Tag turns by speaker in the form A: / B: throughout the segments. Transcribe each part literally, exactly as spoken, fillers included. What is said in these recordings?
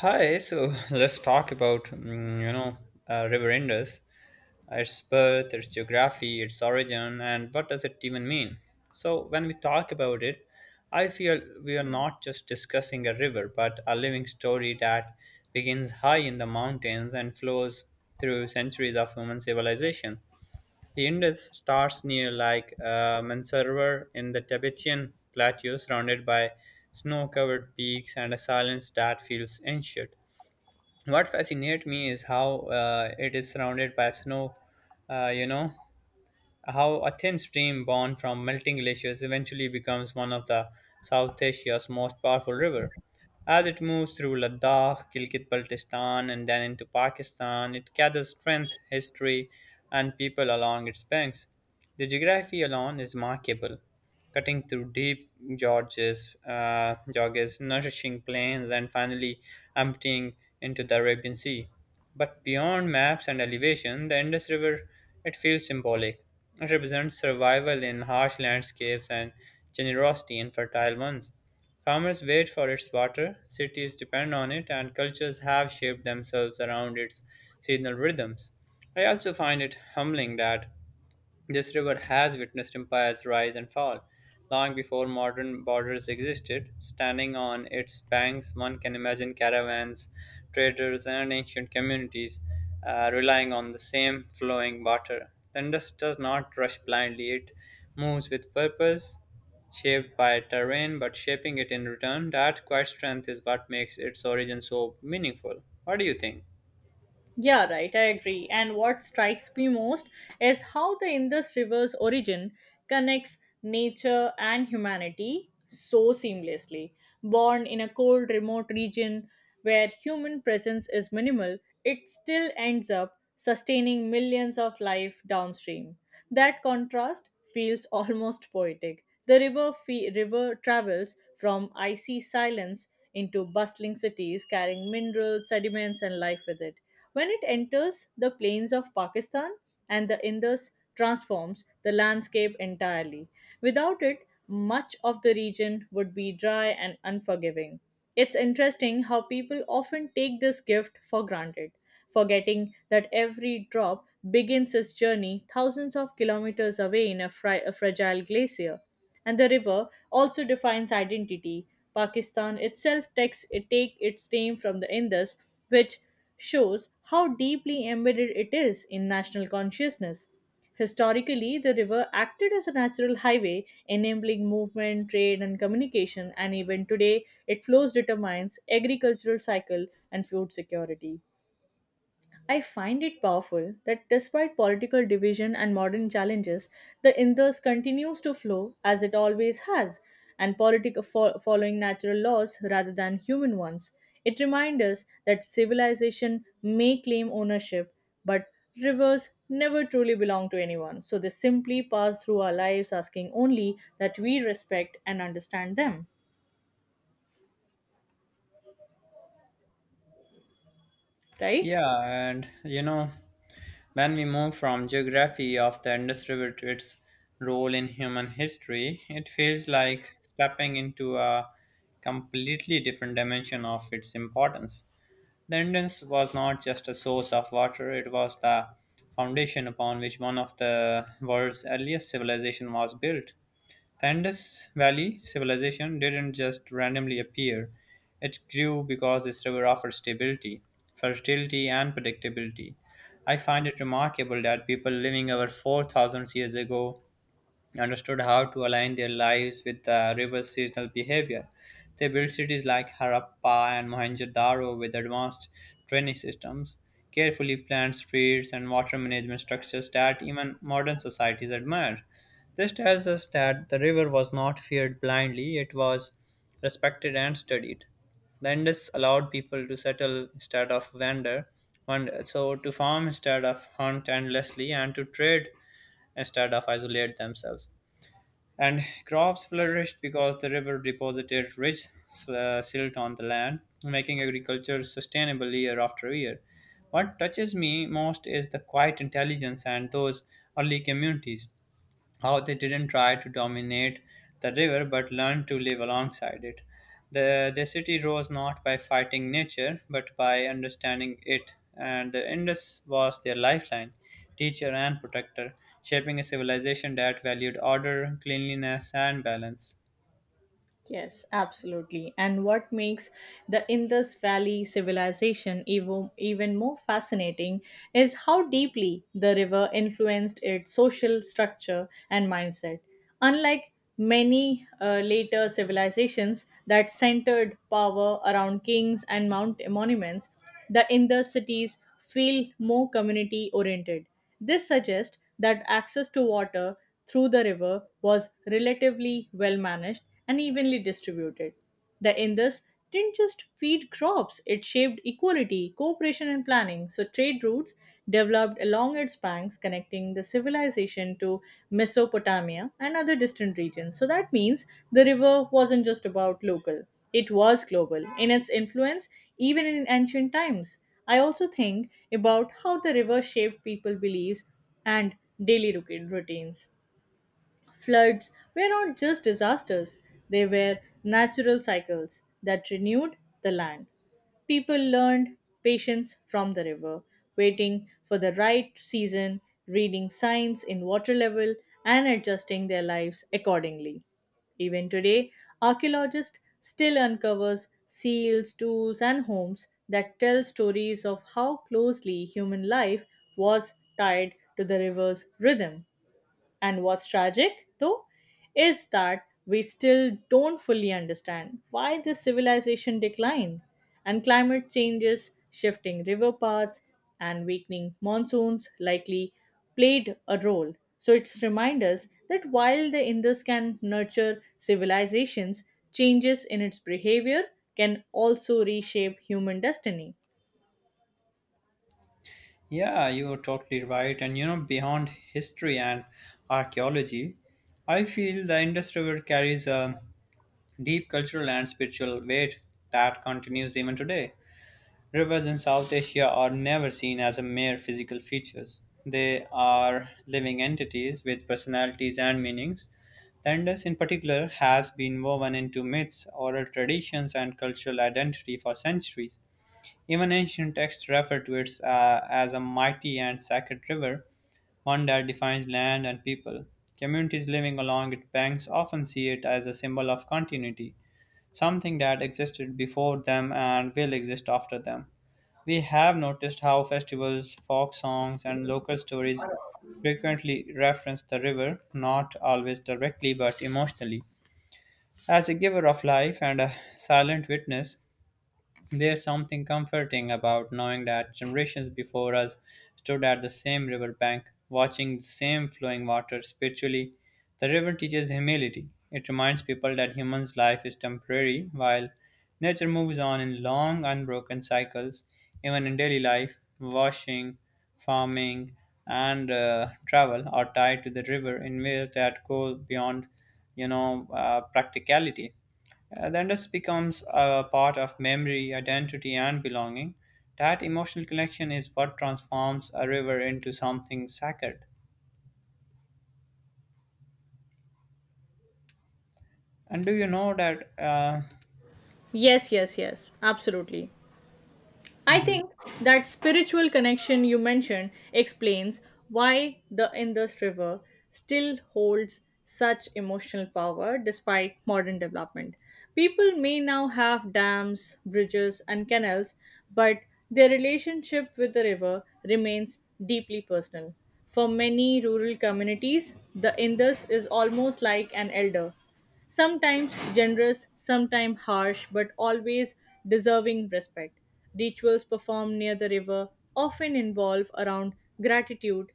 A: Hi, so let's talk about mm, you know uh, River Indus, its birth, its geography, its origin, and what does it even mean. So when we talk about it, I feel we are not just discussing a river, but a living story that begins high in the mountains and flows through centuries of human civilization. The Indus starts near like uh, Mansarovar in the Tibetan plateau, surrounded by snow-covered peaks and a silence that feels ancient. What fascinates me is how uh, it is surrounded by snow. Uh, you know, how a thin stream born from melting glaciers eventually becomes one of the South Asia's most powerful river. As it moves through Ladakh, Gilgit Baltistan, and then into Pakistan, it gathers strength, history, and people along its banks. The geography alone is remarkable, cutting through deep gorges, uh, gorges, nourishing plains, and finally emptying into the Arabian Sea. But beyond maps and elevation, the Indus River, it feels symbolic. It represents survival in harsh landscapes and generosity in fertile ones. Farmers wait for its water, cities depend on it, and cultures have shaped themselves around its seasonal rhythms. I also find it humbling that this river has witnessed empires rise and fall. Long before modern borders existed, standing on its banks, one can imagine caravans, traders, and ancient communities uh, relying on the same flowing water. The Indus does not rush blindly, it moves with purpose, shaped by terrain, but shaping it in return. That quiet strength is what makes its origin so meaningful. What do you think?
B: Yeah, right, I agree. And what strikes me most is how the Indus River's origin connects nature and humanity so seamlessly. Born in a cold, remote region where human presence is minimal, it still ends up sustaining millions of life downstream. That contrast feels almost poetic. The river, fe- river travels from icy silence into bustling cities, carrying minerals, sediments, and life with it when it enters the plains of Pakistan and the Indus transforms the landscape entirely. Without it, much of the region would be dry and unforgiving. It's interesting how people often take this gift for granted, forgetting that every drop begins its journey thousands of kilometers away in a, fri- a fragile glacier and the river also defines identity. Pakistan itself takes it take its name from the Indus, which shows how deeply embedded it is in national consciousness. Historically, the river acted as a natural highway, enabling movement, trade, and communication, and even today, it flows determines agricultural cycle and food security. I find it powerful that despite political division and modern challenges, the Indus continues to flow as it always has, and politic fo- following natural laws rather than human ones. It reminds us that civilization may claim ownership, but rivers never truly belong to anyone. So they simply pass through our lives asking only that we respect and understand them, right?
A: Yeah, and you know, when we move from geography of the Indus River to its role in human history, it feels like stepping into a completely different dimension of its importance. The Indus was not just a source of water, it was the foundation upon which one of the world's earliest civilization was built. The Indus Valley civilization didn't just randomly appear, it grew because this river offered stability, fertility, and predictability. I find it remarkable that people living over four thousand years ago understood how to align their lives with the river's seasonal behavior. They built cities like Harappa and Mohenjo-daro with advanced drainage systems, carefully planned streets, and water management structures that even modern societies admire. This tells us that the river was not feared blindly, it was respected and studied. The Indus allowed people to settle instead of wander, wander, so to farm instead of hunt endlessly, and to trade instead of isolate themselves, and crops flourished because the river deposited rich uh, silt on the land, making agriculture sustainable year after year. What touches me most is the quiet intelligence and those early communities, how they didn't try to dominate the river but learned to live alongside it. The, the city rose not by fighting nature but by understanding it, and the Indus was their lifeline, teacher, and protector, shaping a civilization that valued order, cleanliness, and balance.
B: Yes, absolutely. And what makes the Indus Valley civilization even, even more fascinating is how deeply the river influenced its social structure and mindset. Unlike many uh, later civilizations that centered power around kings and mount monuments, the inner cities feel more community oriented. This suggests that access to water through the river was relatively well managed and evenly distributed. The Indus didn't just feed crops, it shaped equality, cooperation, and planning. So, trade routes developed along its banks, connecting the civilization to Mesopotamia and other distant regions. So, that means the river wasn't just about local. It was global in its influence, even in ancient times. I also think about how the river shaped people's beliefs and daily ruti- routines. Floods were not just disasters, they were natural cycles that renewed the land. People learned patience from the river, waiting for the right season, reading signs in water level, and adjusting their lives accordingly. Even today, archaeologists still uncovers seals, tools, and homes that tell stories of how closely human life was tied to the river's rhythm. And what's tragic, though, is that we still don't fully understand why this civilization declined. And climate changes, shifting river paths, and weakening monsoons likely played a role. So it's remind us that while the Indus can nurture civilizations, changes in its behavior can also reshape human destiny.
A: Yeah, you are totally right. And you know, beyond history and archaeology, I feel the Indus River carries a deep cultural and spiritual weight that continues even today. Rivers in South Asia are never seen as a mere physical features. They are living entities with personalities and meanings. The Indus, in particular, has been woven into myths, oral traditions, and cultural identity for centuries. Even ancient texts refer to it uh, as a mighty and sacred river, one that defines land and people. Communities living along its banks often see it as a symbol of continuity, something that existed before them and will exist after them. We have noticed how festivals, folk songs, and local stories frequently reference the river, not always directly but emotionally. As a giver of life and a silent witness, there's something comforting about knowing that generations before us stood at the same river bank, watching the same flowing water spiritually. The river teaches humility. It reminds people that humans' life is temporary, while nature moves on in long, unbroken cycles. Even in daily life, washing, farming, and uh, travel are tied to the river in ways that go beyond, you know, uh, practicality. Uh, then this becomes a part of memory, identity, and belonging. That emotional connection is what transforms a river into something sacred. And do you know that? Uh,
B: Yes, yes, yes, absolutely. I
A: mhm.
B: think that spiritual connection you mentioned explains why the Indus River still holds such emotional power despite modern development. People may now have dams, bridges, and canals, but their relationship with the river remains deeply personal. For many rural communities, the Indus is almost like an elder. Sometimes generous, sometimes harsh, but always deserving respect. Rituals performed near the river often involve around gratitude,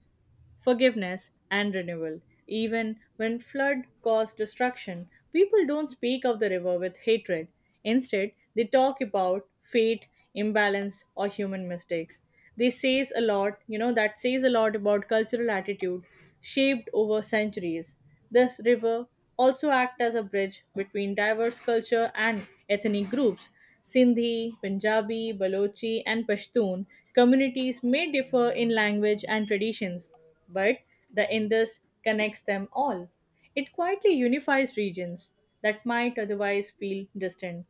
B: forgiveness, and renewal. Even when flood caused destruction, people don't speak of the river with hatred. Instead, they talk about fate, imbalance, or human mistakes. This says a lot, you know, That says a lot about cultural attitude shaped over centuries. This river also act as a bridge between diverse culture and ethnic groups. Sindhi, Punjabi, Balochi, and Pashtun communities may differ in language and traditions, but the Indus connects them all. It quietly unifies regions that might otherwise feel distant.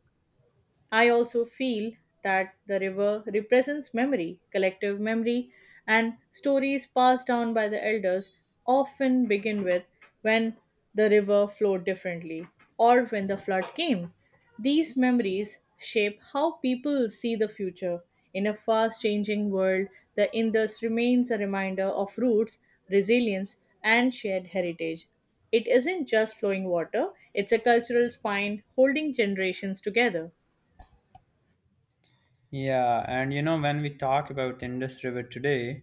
B: I also feel that the river represents memory, collective memory, and stories passed down by the elders often begin with when the river flowed differently or when the flood came. These memories shape how people see the future. In a fast changing world, the Indus remains a reminder of roots, resilience, and shared heritage. It isn't just flowing water, it's a cultural spine holding generations together.
A: Yeah, and you know, when we talk about Indus River today,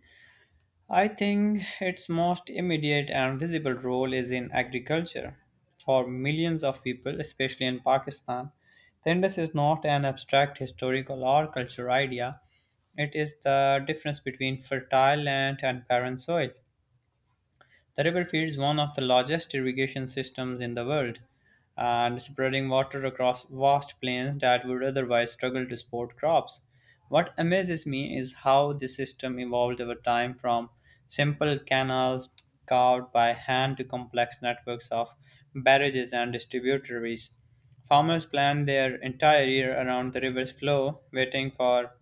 A: I think its most immediate and visible role is in agriculture. For millions of people, especially in Pakistan, the Indus is not an abstract historical or cultural idea. It is the difference between fertile land and barren soil. The river feeds one of the largest irrigation systems in the world and spreading water across vast plains that would otherwise struggle to support crops. What amazes me is how the system evolved over time from simple canals carved by hand to complex networks of barrages and distributaries. Farmers plan their entire year around the river's flow, waiting for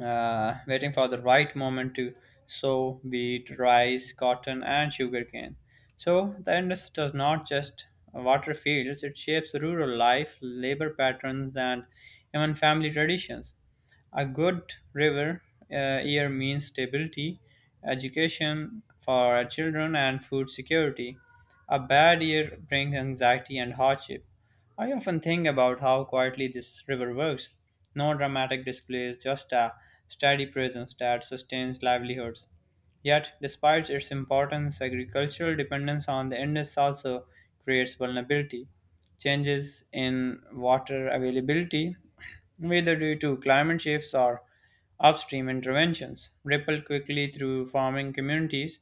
A: uh, waiting for the right moment to sow wheat, rice, cotton, and sugarcane. So the industry does not just water fields, it shapes rural life, labor patterns, and even family traditions. A good river uh, year means stability, education for our children, and food security. A bad year brings anxiety and hardship. I often think about how quietly this river works. No dramatic displays, just a steady presence that sustains livelihoods. Yet, despite its importance, agricultural dependence on the Indus also creates vulnerability. Changes in water availability, whether due to climate shifts or upstream interventions, ripple quickly through farming communities.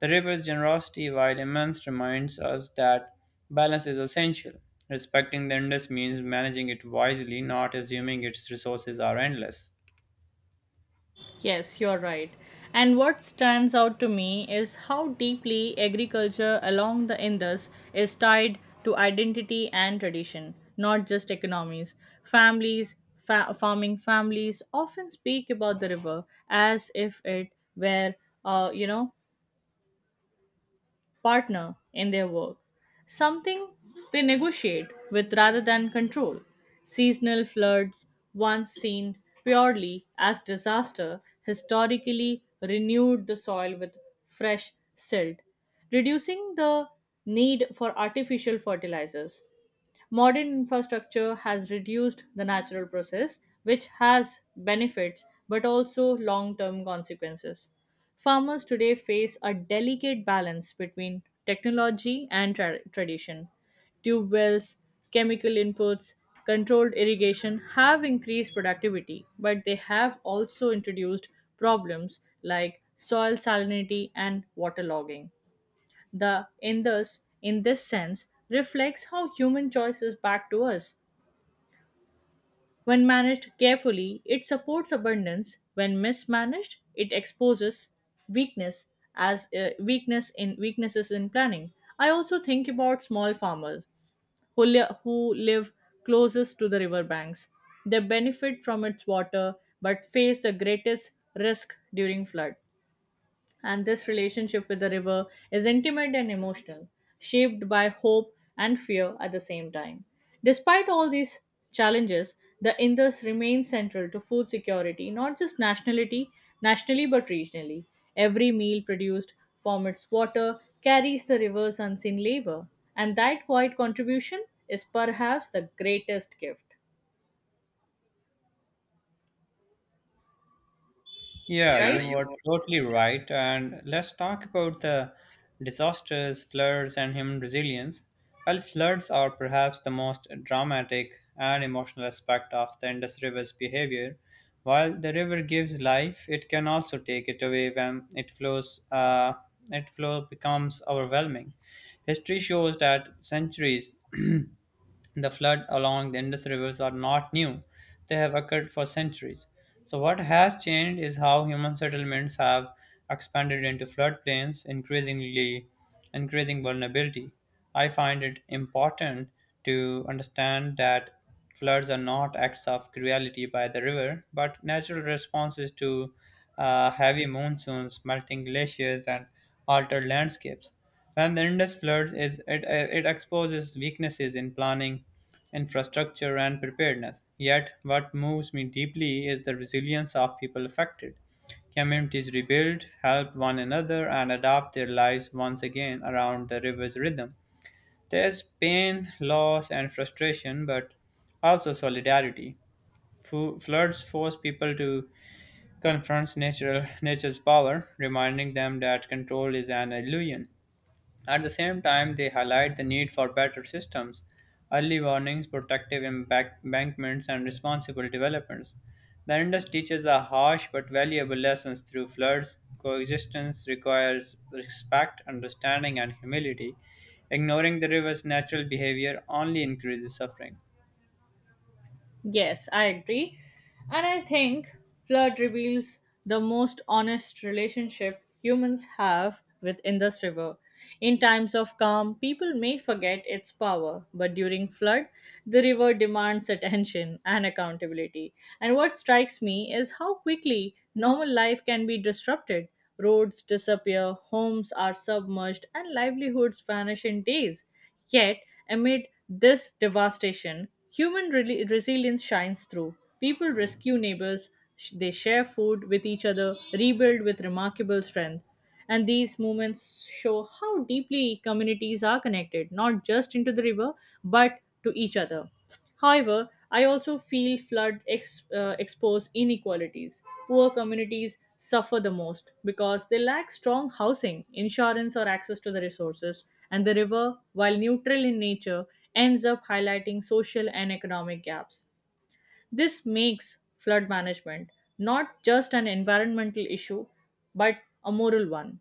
A: The river's generosity, while immense, reminds us that balance is essential. Respecting the Indus means managing it wisely, not assuming its resources are endless.
B: Yes, you're right. And what stands out to me is how deeply agriculture along the Indus is tied to identity and tradition, not just economies. Families, fa- farming families often speak about the river as if it were, uh, you know, partner in their work, something they negotiate with rather than control. Seasonal floods, once seen purely as disaster, historically renewed the soil with fresh silt, reducing the need for artificial fertilizers. Modern infrastructure has reduced the natural process, which has benefits but also long term consequences. Farmers today face a delicate balance between technology and tra- tradition. Tube wells, chemical inputs, controlled irrigation have increased productivity, but they have also introduced problems like soil salinity and waterlogging. The in this in this sense reflects how human choice is back to us. When managed carefully, it supports abundance. When mismanaged, it exposes weakness as uh, weakness in weaknesses in planning. I also think about small farmers who, li- who live closest to the riverbanks. They benefit from its water but face the greatest risk during flood and this relationship with the river is intimate and emotional, shaped by hope and fear at the same time. Despite all these challenges, the Indus remains central to food security, not just nationality, nationally but regionally. Every meal produced from its water carries the river's unseen labor, and that quiet contribution is perhaps the greatest gift.
A: Yeah,
B: Yeah, right?
A: you are
B: You.
A: totally right. And let's talk about the disasters, floods, and human resilience. Well, floods are perhaps the most dramatic and emotional aspect of the Indus River's behavior. While the river gives life, it can also take it away when it flows. Uh, it flow becomes overwhelming. History shows that centuries the floods along the Indus rivers are not new, they have occurred for centuries. So, what has changed is how human settlements have expanded into floodplains, increasingly increasing vulnerability. I find it important to understand that floods are not acts of cruelty by the river, but natural responses to uh, heavy monsoons, melting glaciers, and altered landscapes. When the Indus floods, is- it, uh, it exposes weaknesses in planning, infrastructure, and preparedness. Yet, what moves me deeply is the resilience of people affected. Communities rebuild, help one another, and adapt their lives once again around the river's rhythm. There's pain, loss, and frustration, but also solidarity. Fu- Floods force people to confront natural, nature's power, reminding them that control is an illusion. At the same time, they highlight the need for better systems, early warnings, protective embank- embankments, and responsible developments. The Indus teaches a harsh but valuable lessons through floods. Coexistence requires respect, understanding, and humility. Ignoring the river's natural behavior only increases suffering.
B: Yes, I agree. And I think flood reveals the most honest relationship humans have with Indus River. In times of calm, people may forget its power, but during flood, the river demands attention and accountability. And what strikes me is how quickly normal life can be disrupted. Roads disappear, homes are submerged, and livelihoods vanish in days. Yet, amid this devastation, human reli- resilience shines through. People rescue neighbors, sh- they share food with each other, rebuild with remarkable strength. And these moments show how deeply communities are connected, not just into the river, but to each other. However, I also feel flood ex- uh, expose inequalities. Poor communities suffer the most because they lack strong housing, insurance, or access to the resources, and the river, while neutral in nature, ends up highlighting social and economic gaps. This makes flood management not just an environmental issue, but a moral one.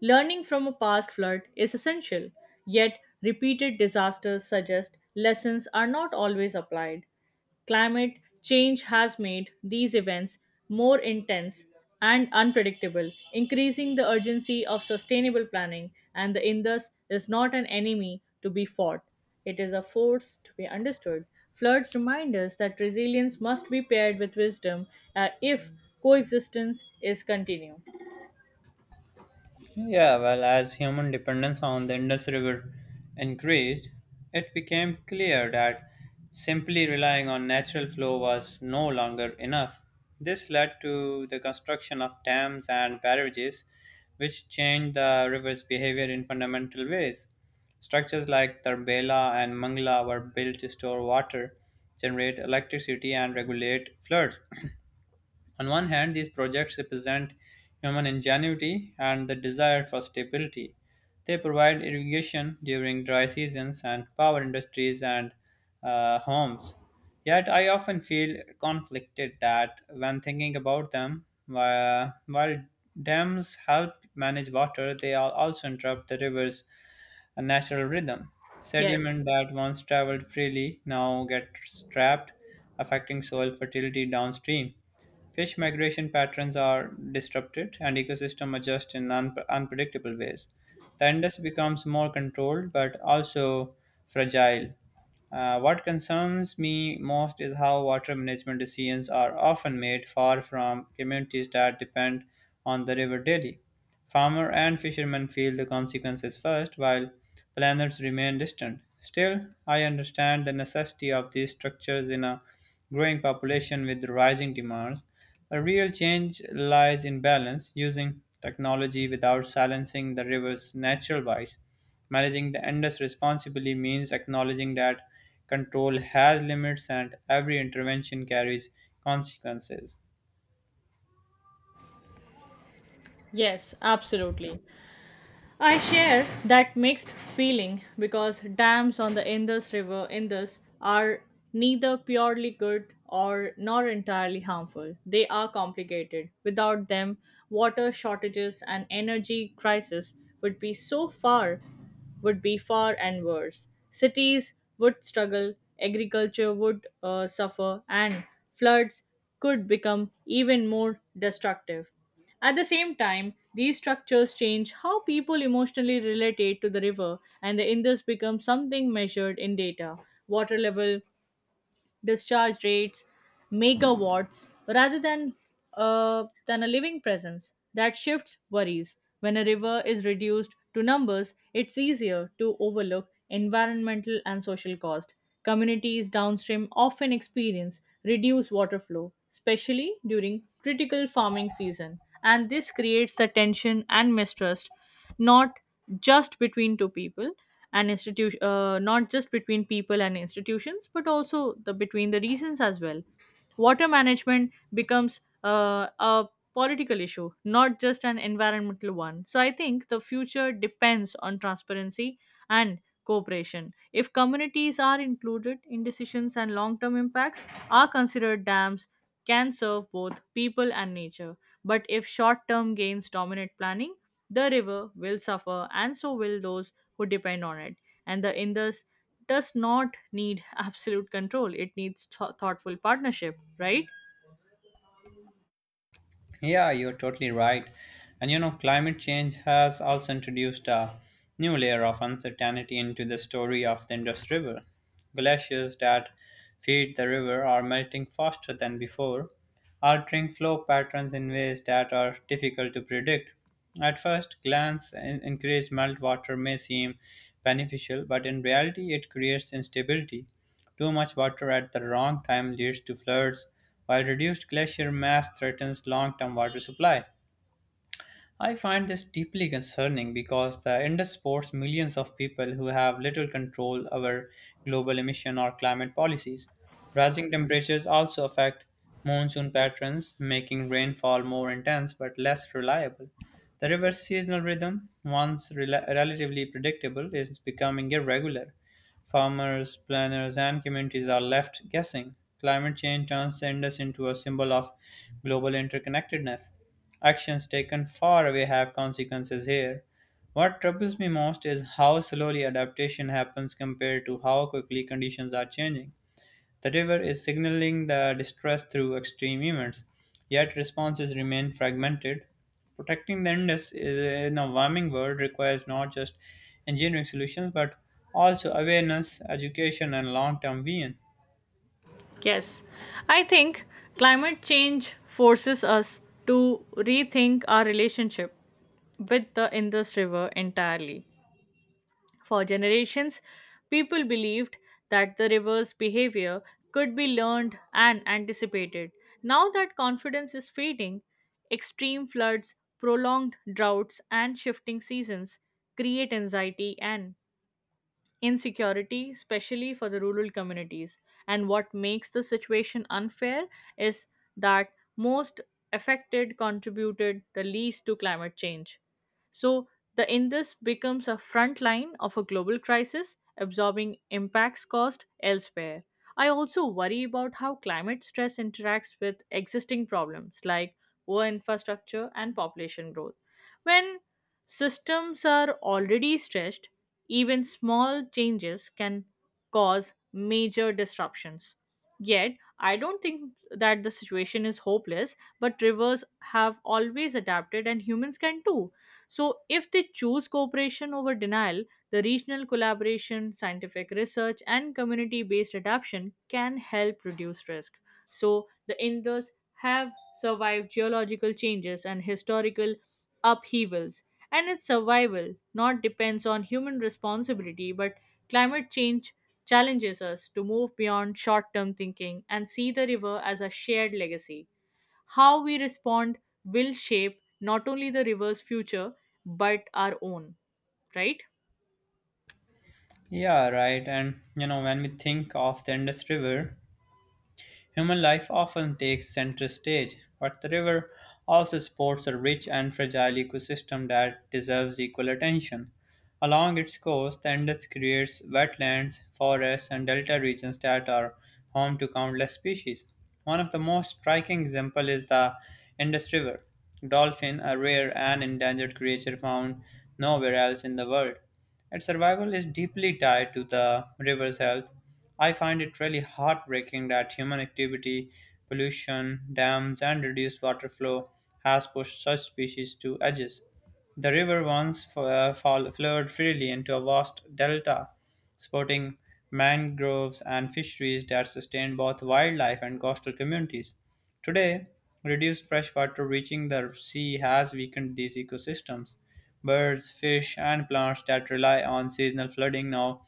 B: Learning from a past flood is essential, yet, repeated disasters suggest lessons are not always applied. Climate change has made these events more intense and unpredictable, increasing the urgency of sustainable planning, and the Indus is not an enemy to be fought. It is a force to be understood. Floods remind us that resilience must be paired with wisdom uh, if coexistence is continued.
A: Yeah, well, as human dependence on the Indus River increased, it became clear that simply relying on natural flow was no longer enough. This led to the construction of dams and barrages, which changed the river's behavior in fundamental ways. Structures like Tarbela and Mangla were built to store water, generate electricity, and regulate floods. On one hand, these projects represent human ingenuity and the desire for stability. They provide irrigation during dry seasons and power industries and uh, homes. Yet, I often feel conflicted that when thinking about them, whi- while dams help manage water, they al- also interrupt the rivers a natural rhythm.
B: Yes,
A: Sediment that once traveled freely now gets trapped, affecting soil fertility downstream. Fish migration patterns are disrupted and ecosystem adjust in un- unpredictable ways. The indus becomes more controlled but also fragile. Uh, what concerns me most is how water management decisions are often made far from communities that depend on the river daily. Farmer and fisherman feel the consequences first, while planners remain distant. Still, I understand the necessity of these structures in a growing population with rising demands. A real change lies in balance, using technology without silencing the river's natural voice. Managing the Indus responsibly means acknowledging that control has limits and every intervention carries consequences.
B: yes, absolutely. I share that mixed feeling because dams on the Indus River Indus are neither purely good or nor entirely harmful. They are complicated. Without them, water shortages and energy crisis would be so far would be far and worse. Cities would struggle, agriculture would uh, suffer, and floods could become even more destructive. At the same time, these structures change how people emotionally relate to the river, and the Indus becomes something measured in data water level, discharge rates, megawatts, rather than uh, than a living presence. That shifts worries. When a river is reduced to numbers, it's easier to overlook environmental and social cost. Communities downstream often experience reduced water flow, especially during critical farming season, and this creates the tension and mistrust not just between two people and institution uh, not just between people and institutions but also the between the regions as well. Water management becomes uh, a political issue not just an environmental one. So I think the future depends on transparency and cooperation. If communities are included in decisions and long term impacts are considered, dams can serve both people and nature. But if short term gains dominate planning, the river will suffer and so will those who depend on it. And the Indus does not need absolute control, it needs th- thoughtful partnership, right?
A: Yeah, you're totally right. And you know, climate change has also introduced a new layer of uncertainty into the story of the Indus River. Glaciers that feed the river are melting faster than before, altering flow patterns in ways that are difficult to predict. At first glance, in- increased meltwater may seem beneficial, but in reality, it creates instability. Too much water at the wrong time leads to floods, while reduced glacier mass threatens long-term water supply. I find this deeply concerning because the industry supports millions of people who have little control over global emission or climate policies. Rising temperatures also affect monsoon patterns, making rainfall more intense but less reliable. The river's seasonal rhythm, once rela- relatively predictable, is becoming irregular. Farmers, planners, and communities are left guessing. Climate change turns the Indus into a symbol of global interconnectedness. Actions taken far away have consequences here. What troubles me most is how slowly adaptation happens compared to how quickly conditions are changing. The river is signaling the distress through extreme events, yet responses remain fragmented. Protecting the Indus is- in a warming world requires not just engineering solutions but also awareness, education, and long term vision.
B: Yes, I think climate change forces us to rethink our relationship with the Indus River entirely. For generations, people believed that the river's behavior could be learned and anticipated. Now that confidence is fading, extreme floods, prolonged droughts, and shifting seasons create anxiety and insecurity, especially for the rural communities. And what makes the situation unfair is that most affected contributed the least to climate change. So, the Indus becomes a front line of a global crisis, absorbing impacts caused elsewhere. I also worry about how climate stress interacts with existing problems like poor infrastructure and population growth. When systems are already stretched, even small changes can cause major disruptions. Yet, I don't think that the situation is hopeless, but rivers have always adapted and humans can too. So, if they choose cooperation over denial, the regional collaboration, scientific research, and community based adaptation can help reduce risk. So, the Indus have survived geological changes and historical upheavals, and its survival not depends on human responsibility but climate change challenges us to move beyond short-term thinking and see the river as a shared legacy. How we respond will shape not only the river's future but our own, right?
A: Yeah, right. And you know, when we think of the Indus River, human life often takes center stage, but the river also supports a rich and fragile ecosystem that deserves equal attention. Along its coast, the Indus creates wetlands, forests, and delta regions that are home to countless species. One of the most striking examples is the Indus River dolphin, a rare and endangered creature found nowhere else in the world. Its survival is deeply tied to the river's health. I find it really heartbreaking that human activity, pollution, dams, and reduced water flow has pushed such species to edges. The river once f- uh, fall- flowed freely into a vast delta, supporting mangroves and fisheries that sustained both wildlife and coastal communities. Today, reduced freshwater reaching the sea has weakened these ecosystems. Birds, fish, and plants that rely on seasonal flooding now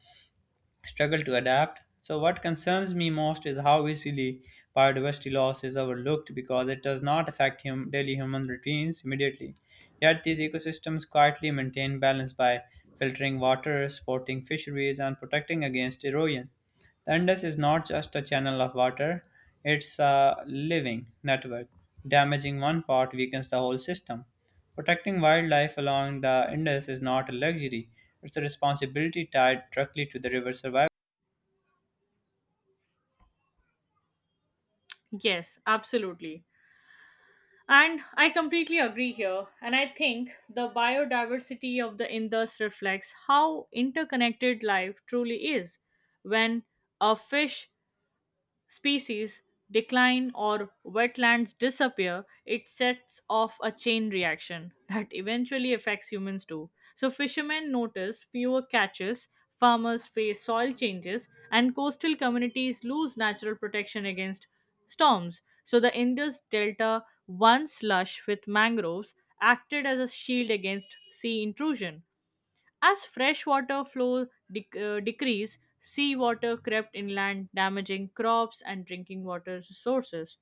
A: struggle to adapt. So, what concerns me most is how easily biodiversity loss is overlooked because it does not affect hum- daily human routines immediately. Yet, these ecosystems quietly maintain balance by filtering water, supporting fisheries, and protecting against erosion. The Indus is not just a channel of water, it's a living network. Damaging one part weakens the whole system. Protecting wildlife along the Indus is not a luxury, it's a responsibility tied directly to the river's survival.
B: Yes, absolutely. And I completely agree here. And I think the biodiversity of the Indus reflects how interconnected life truly is. When a fish species decline or wetlands disappear, it sets off a chain reaction that eventually affects humans too. So, fishermen notice fewer catches, farmers face soil changes, and coastal communities lose natural protection against storms. So, the Indus Delta, once lush with mangroves, acted as a shield against sea intrusion. As freshwater flow dec- uh, decreased, seawater crept inland, damaging crops and drinking water sources.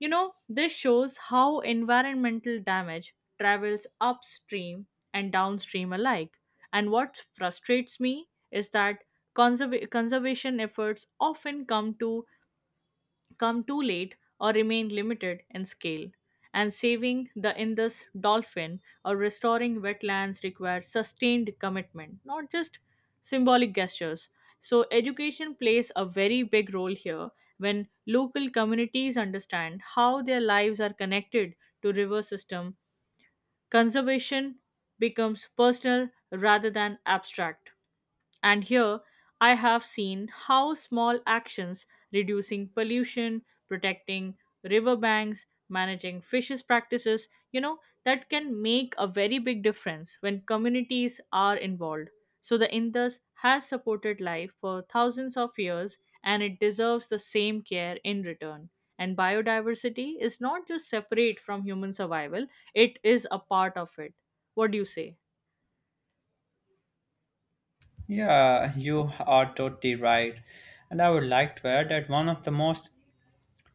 B: You know, this shows how environmental damage travels upstream and downstream alike. And what frustrates me is that conserv- conservation efforts often come to come too late or remain limited in scale. And saving the Indus dolphin or restoring wetlands requires sustained commitment, not just symbolic gestures. So, education plays a very big role here. When local communities understand how their lives are connected to river system, conservation becomes personal rather than abstract. And here I have seen how small actions reducing pollution, protecting riverbanks, managing fishes practices, you know, that can make a very big difference when communities are involved. So the Indus has supported life for thousands of years and it deserves the same care in return. And biodiversity is not just separate from human survival, it is a part of it. What do you say?
A: Yeah, you are totally right. And I would like to add that one of the most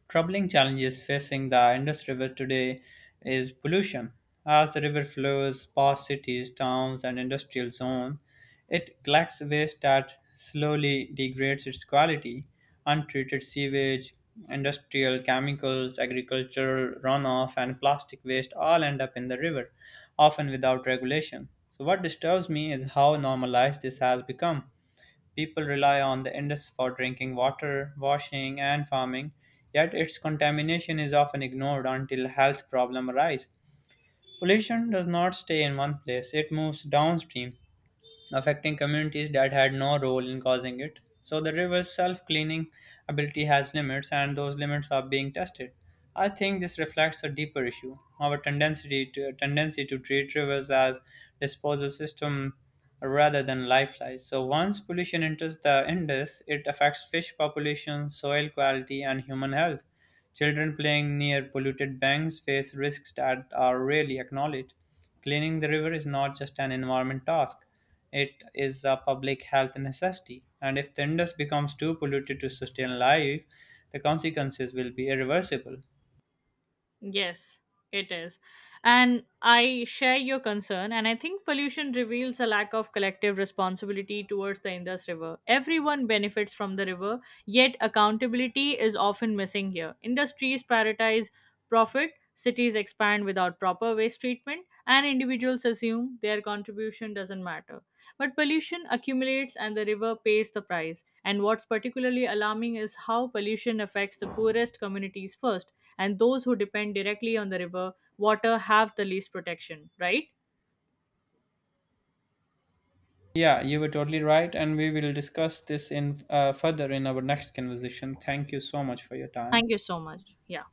A: troubling challenges facing the Indus River today is pollution. As the river flows past cities, towns, and industrial zones, it collects waste that slowly degrades its quality. Untreated sewage, industrial chemicals, agricultural runoff, and plastic waste all end up in the river, often without regulation. So, what disturbs me is how normalized this has become. People rely on the Indus for drinking water, washing, and farming, yet its contamination is often ignored until health problems arise. Pollution does not stay in one place, it moves downstream, affecting communities that had no role in causing it. So the river's self cleaning ability has limits, and those limits are being tested. I think this reflects a deeper issue, our tendency to, tendency to treat rivers as disposal system rather than lifelines. So once pollution enters the Indus, it affects fish population, soil quality, and human health. Children playing near polluted banks face risks that are rarely acknowledged. Cleaning the river is not just an environment task. It is a public health necessity, and if the Indus becomes too polluted to sustain life, the consequences will be irreversible.
B: Yes, it is. And I share your concern, and I think pollution reveals a lack of collective responsibility towards the Indus River. Everyone benefits from the river, yet accountability is often missing here. Industries prioritize profit, cities expand without proper waste treatment, and individuals assume their contribution doesn't matter. But pollution accumulates and the river pays the price. And what's particularly alarming is how pollution affects the poorest communities first, and those who depend directly on the river water have the least protection, right?
A: Yeah, you were totally right, and we will discuss this in uh, further in our next conversation. Thank you so much for your time.
B: Thank you so much. Yeah.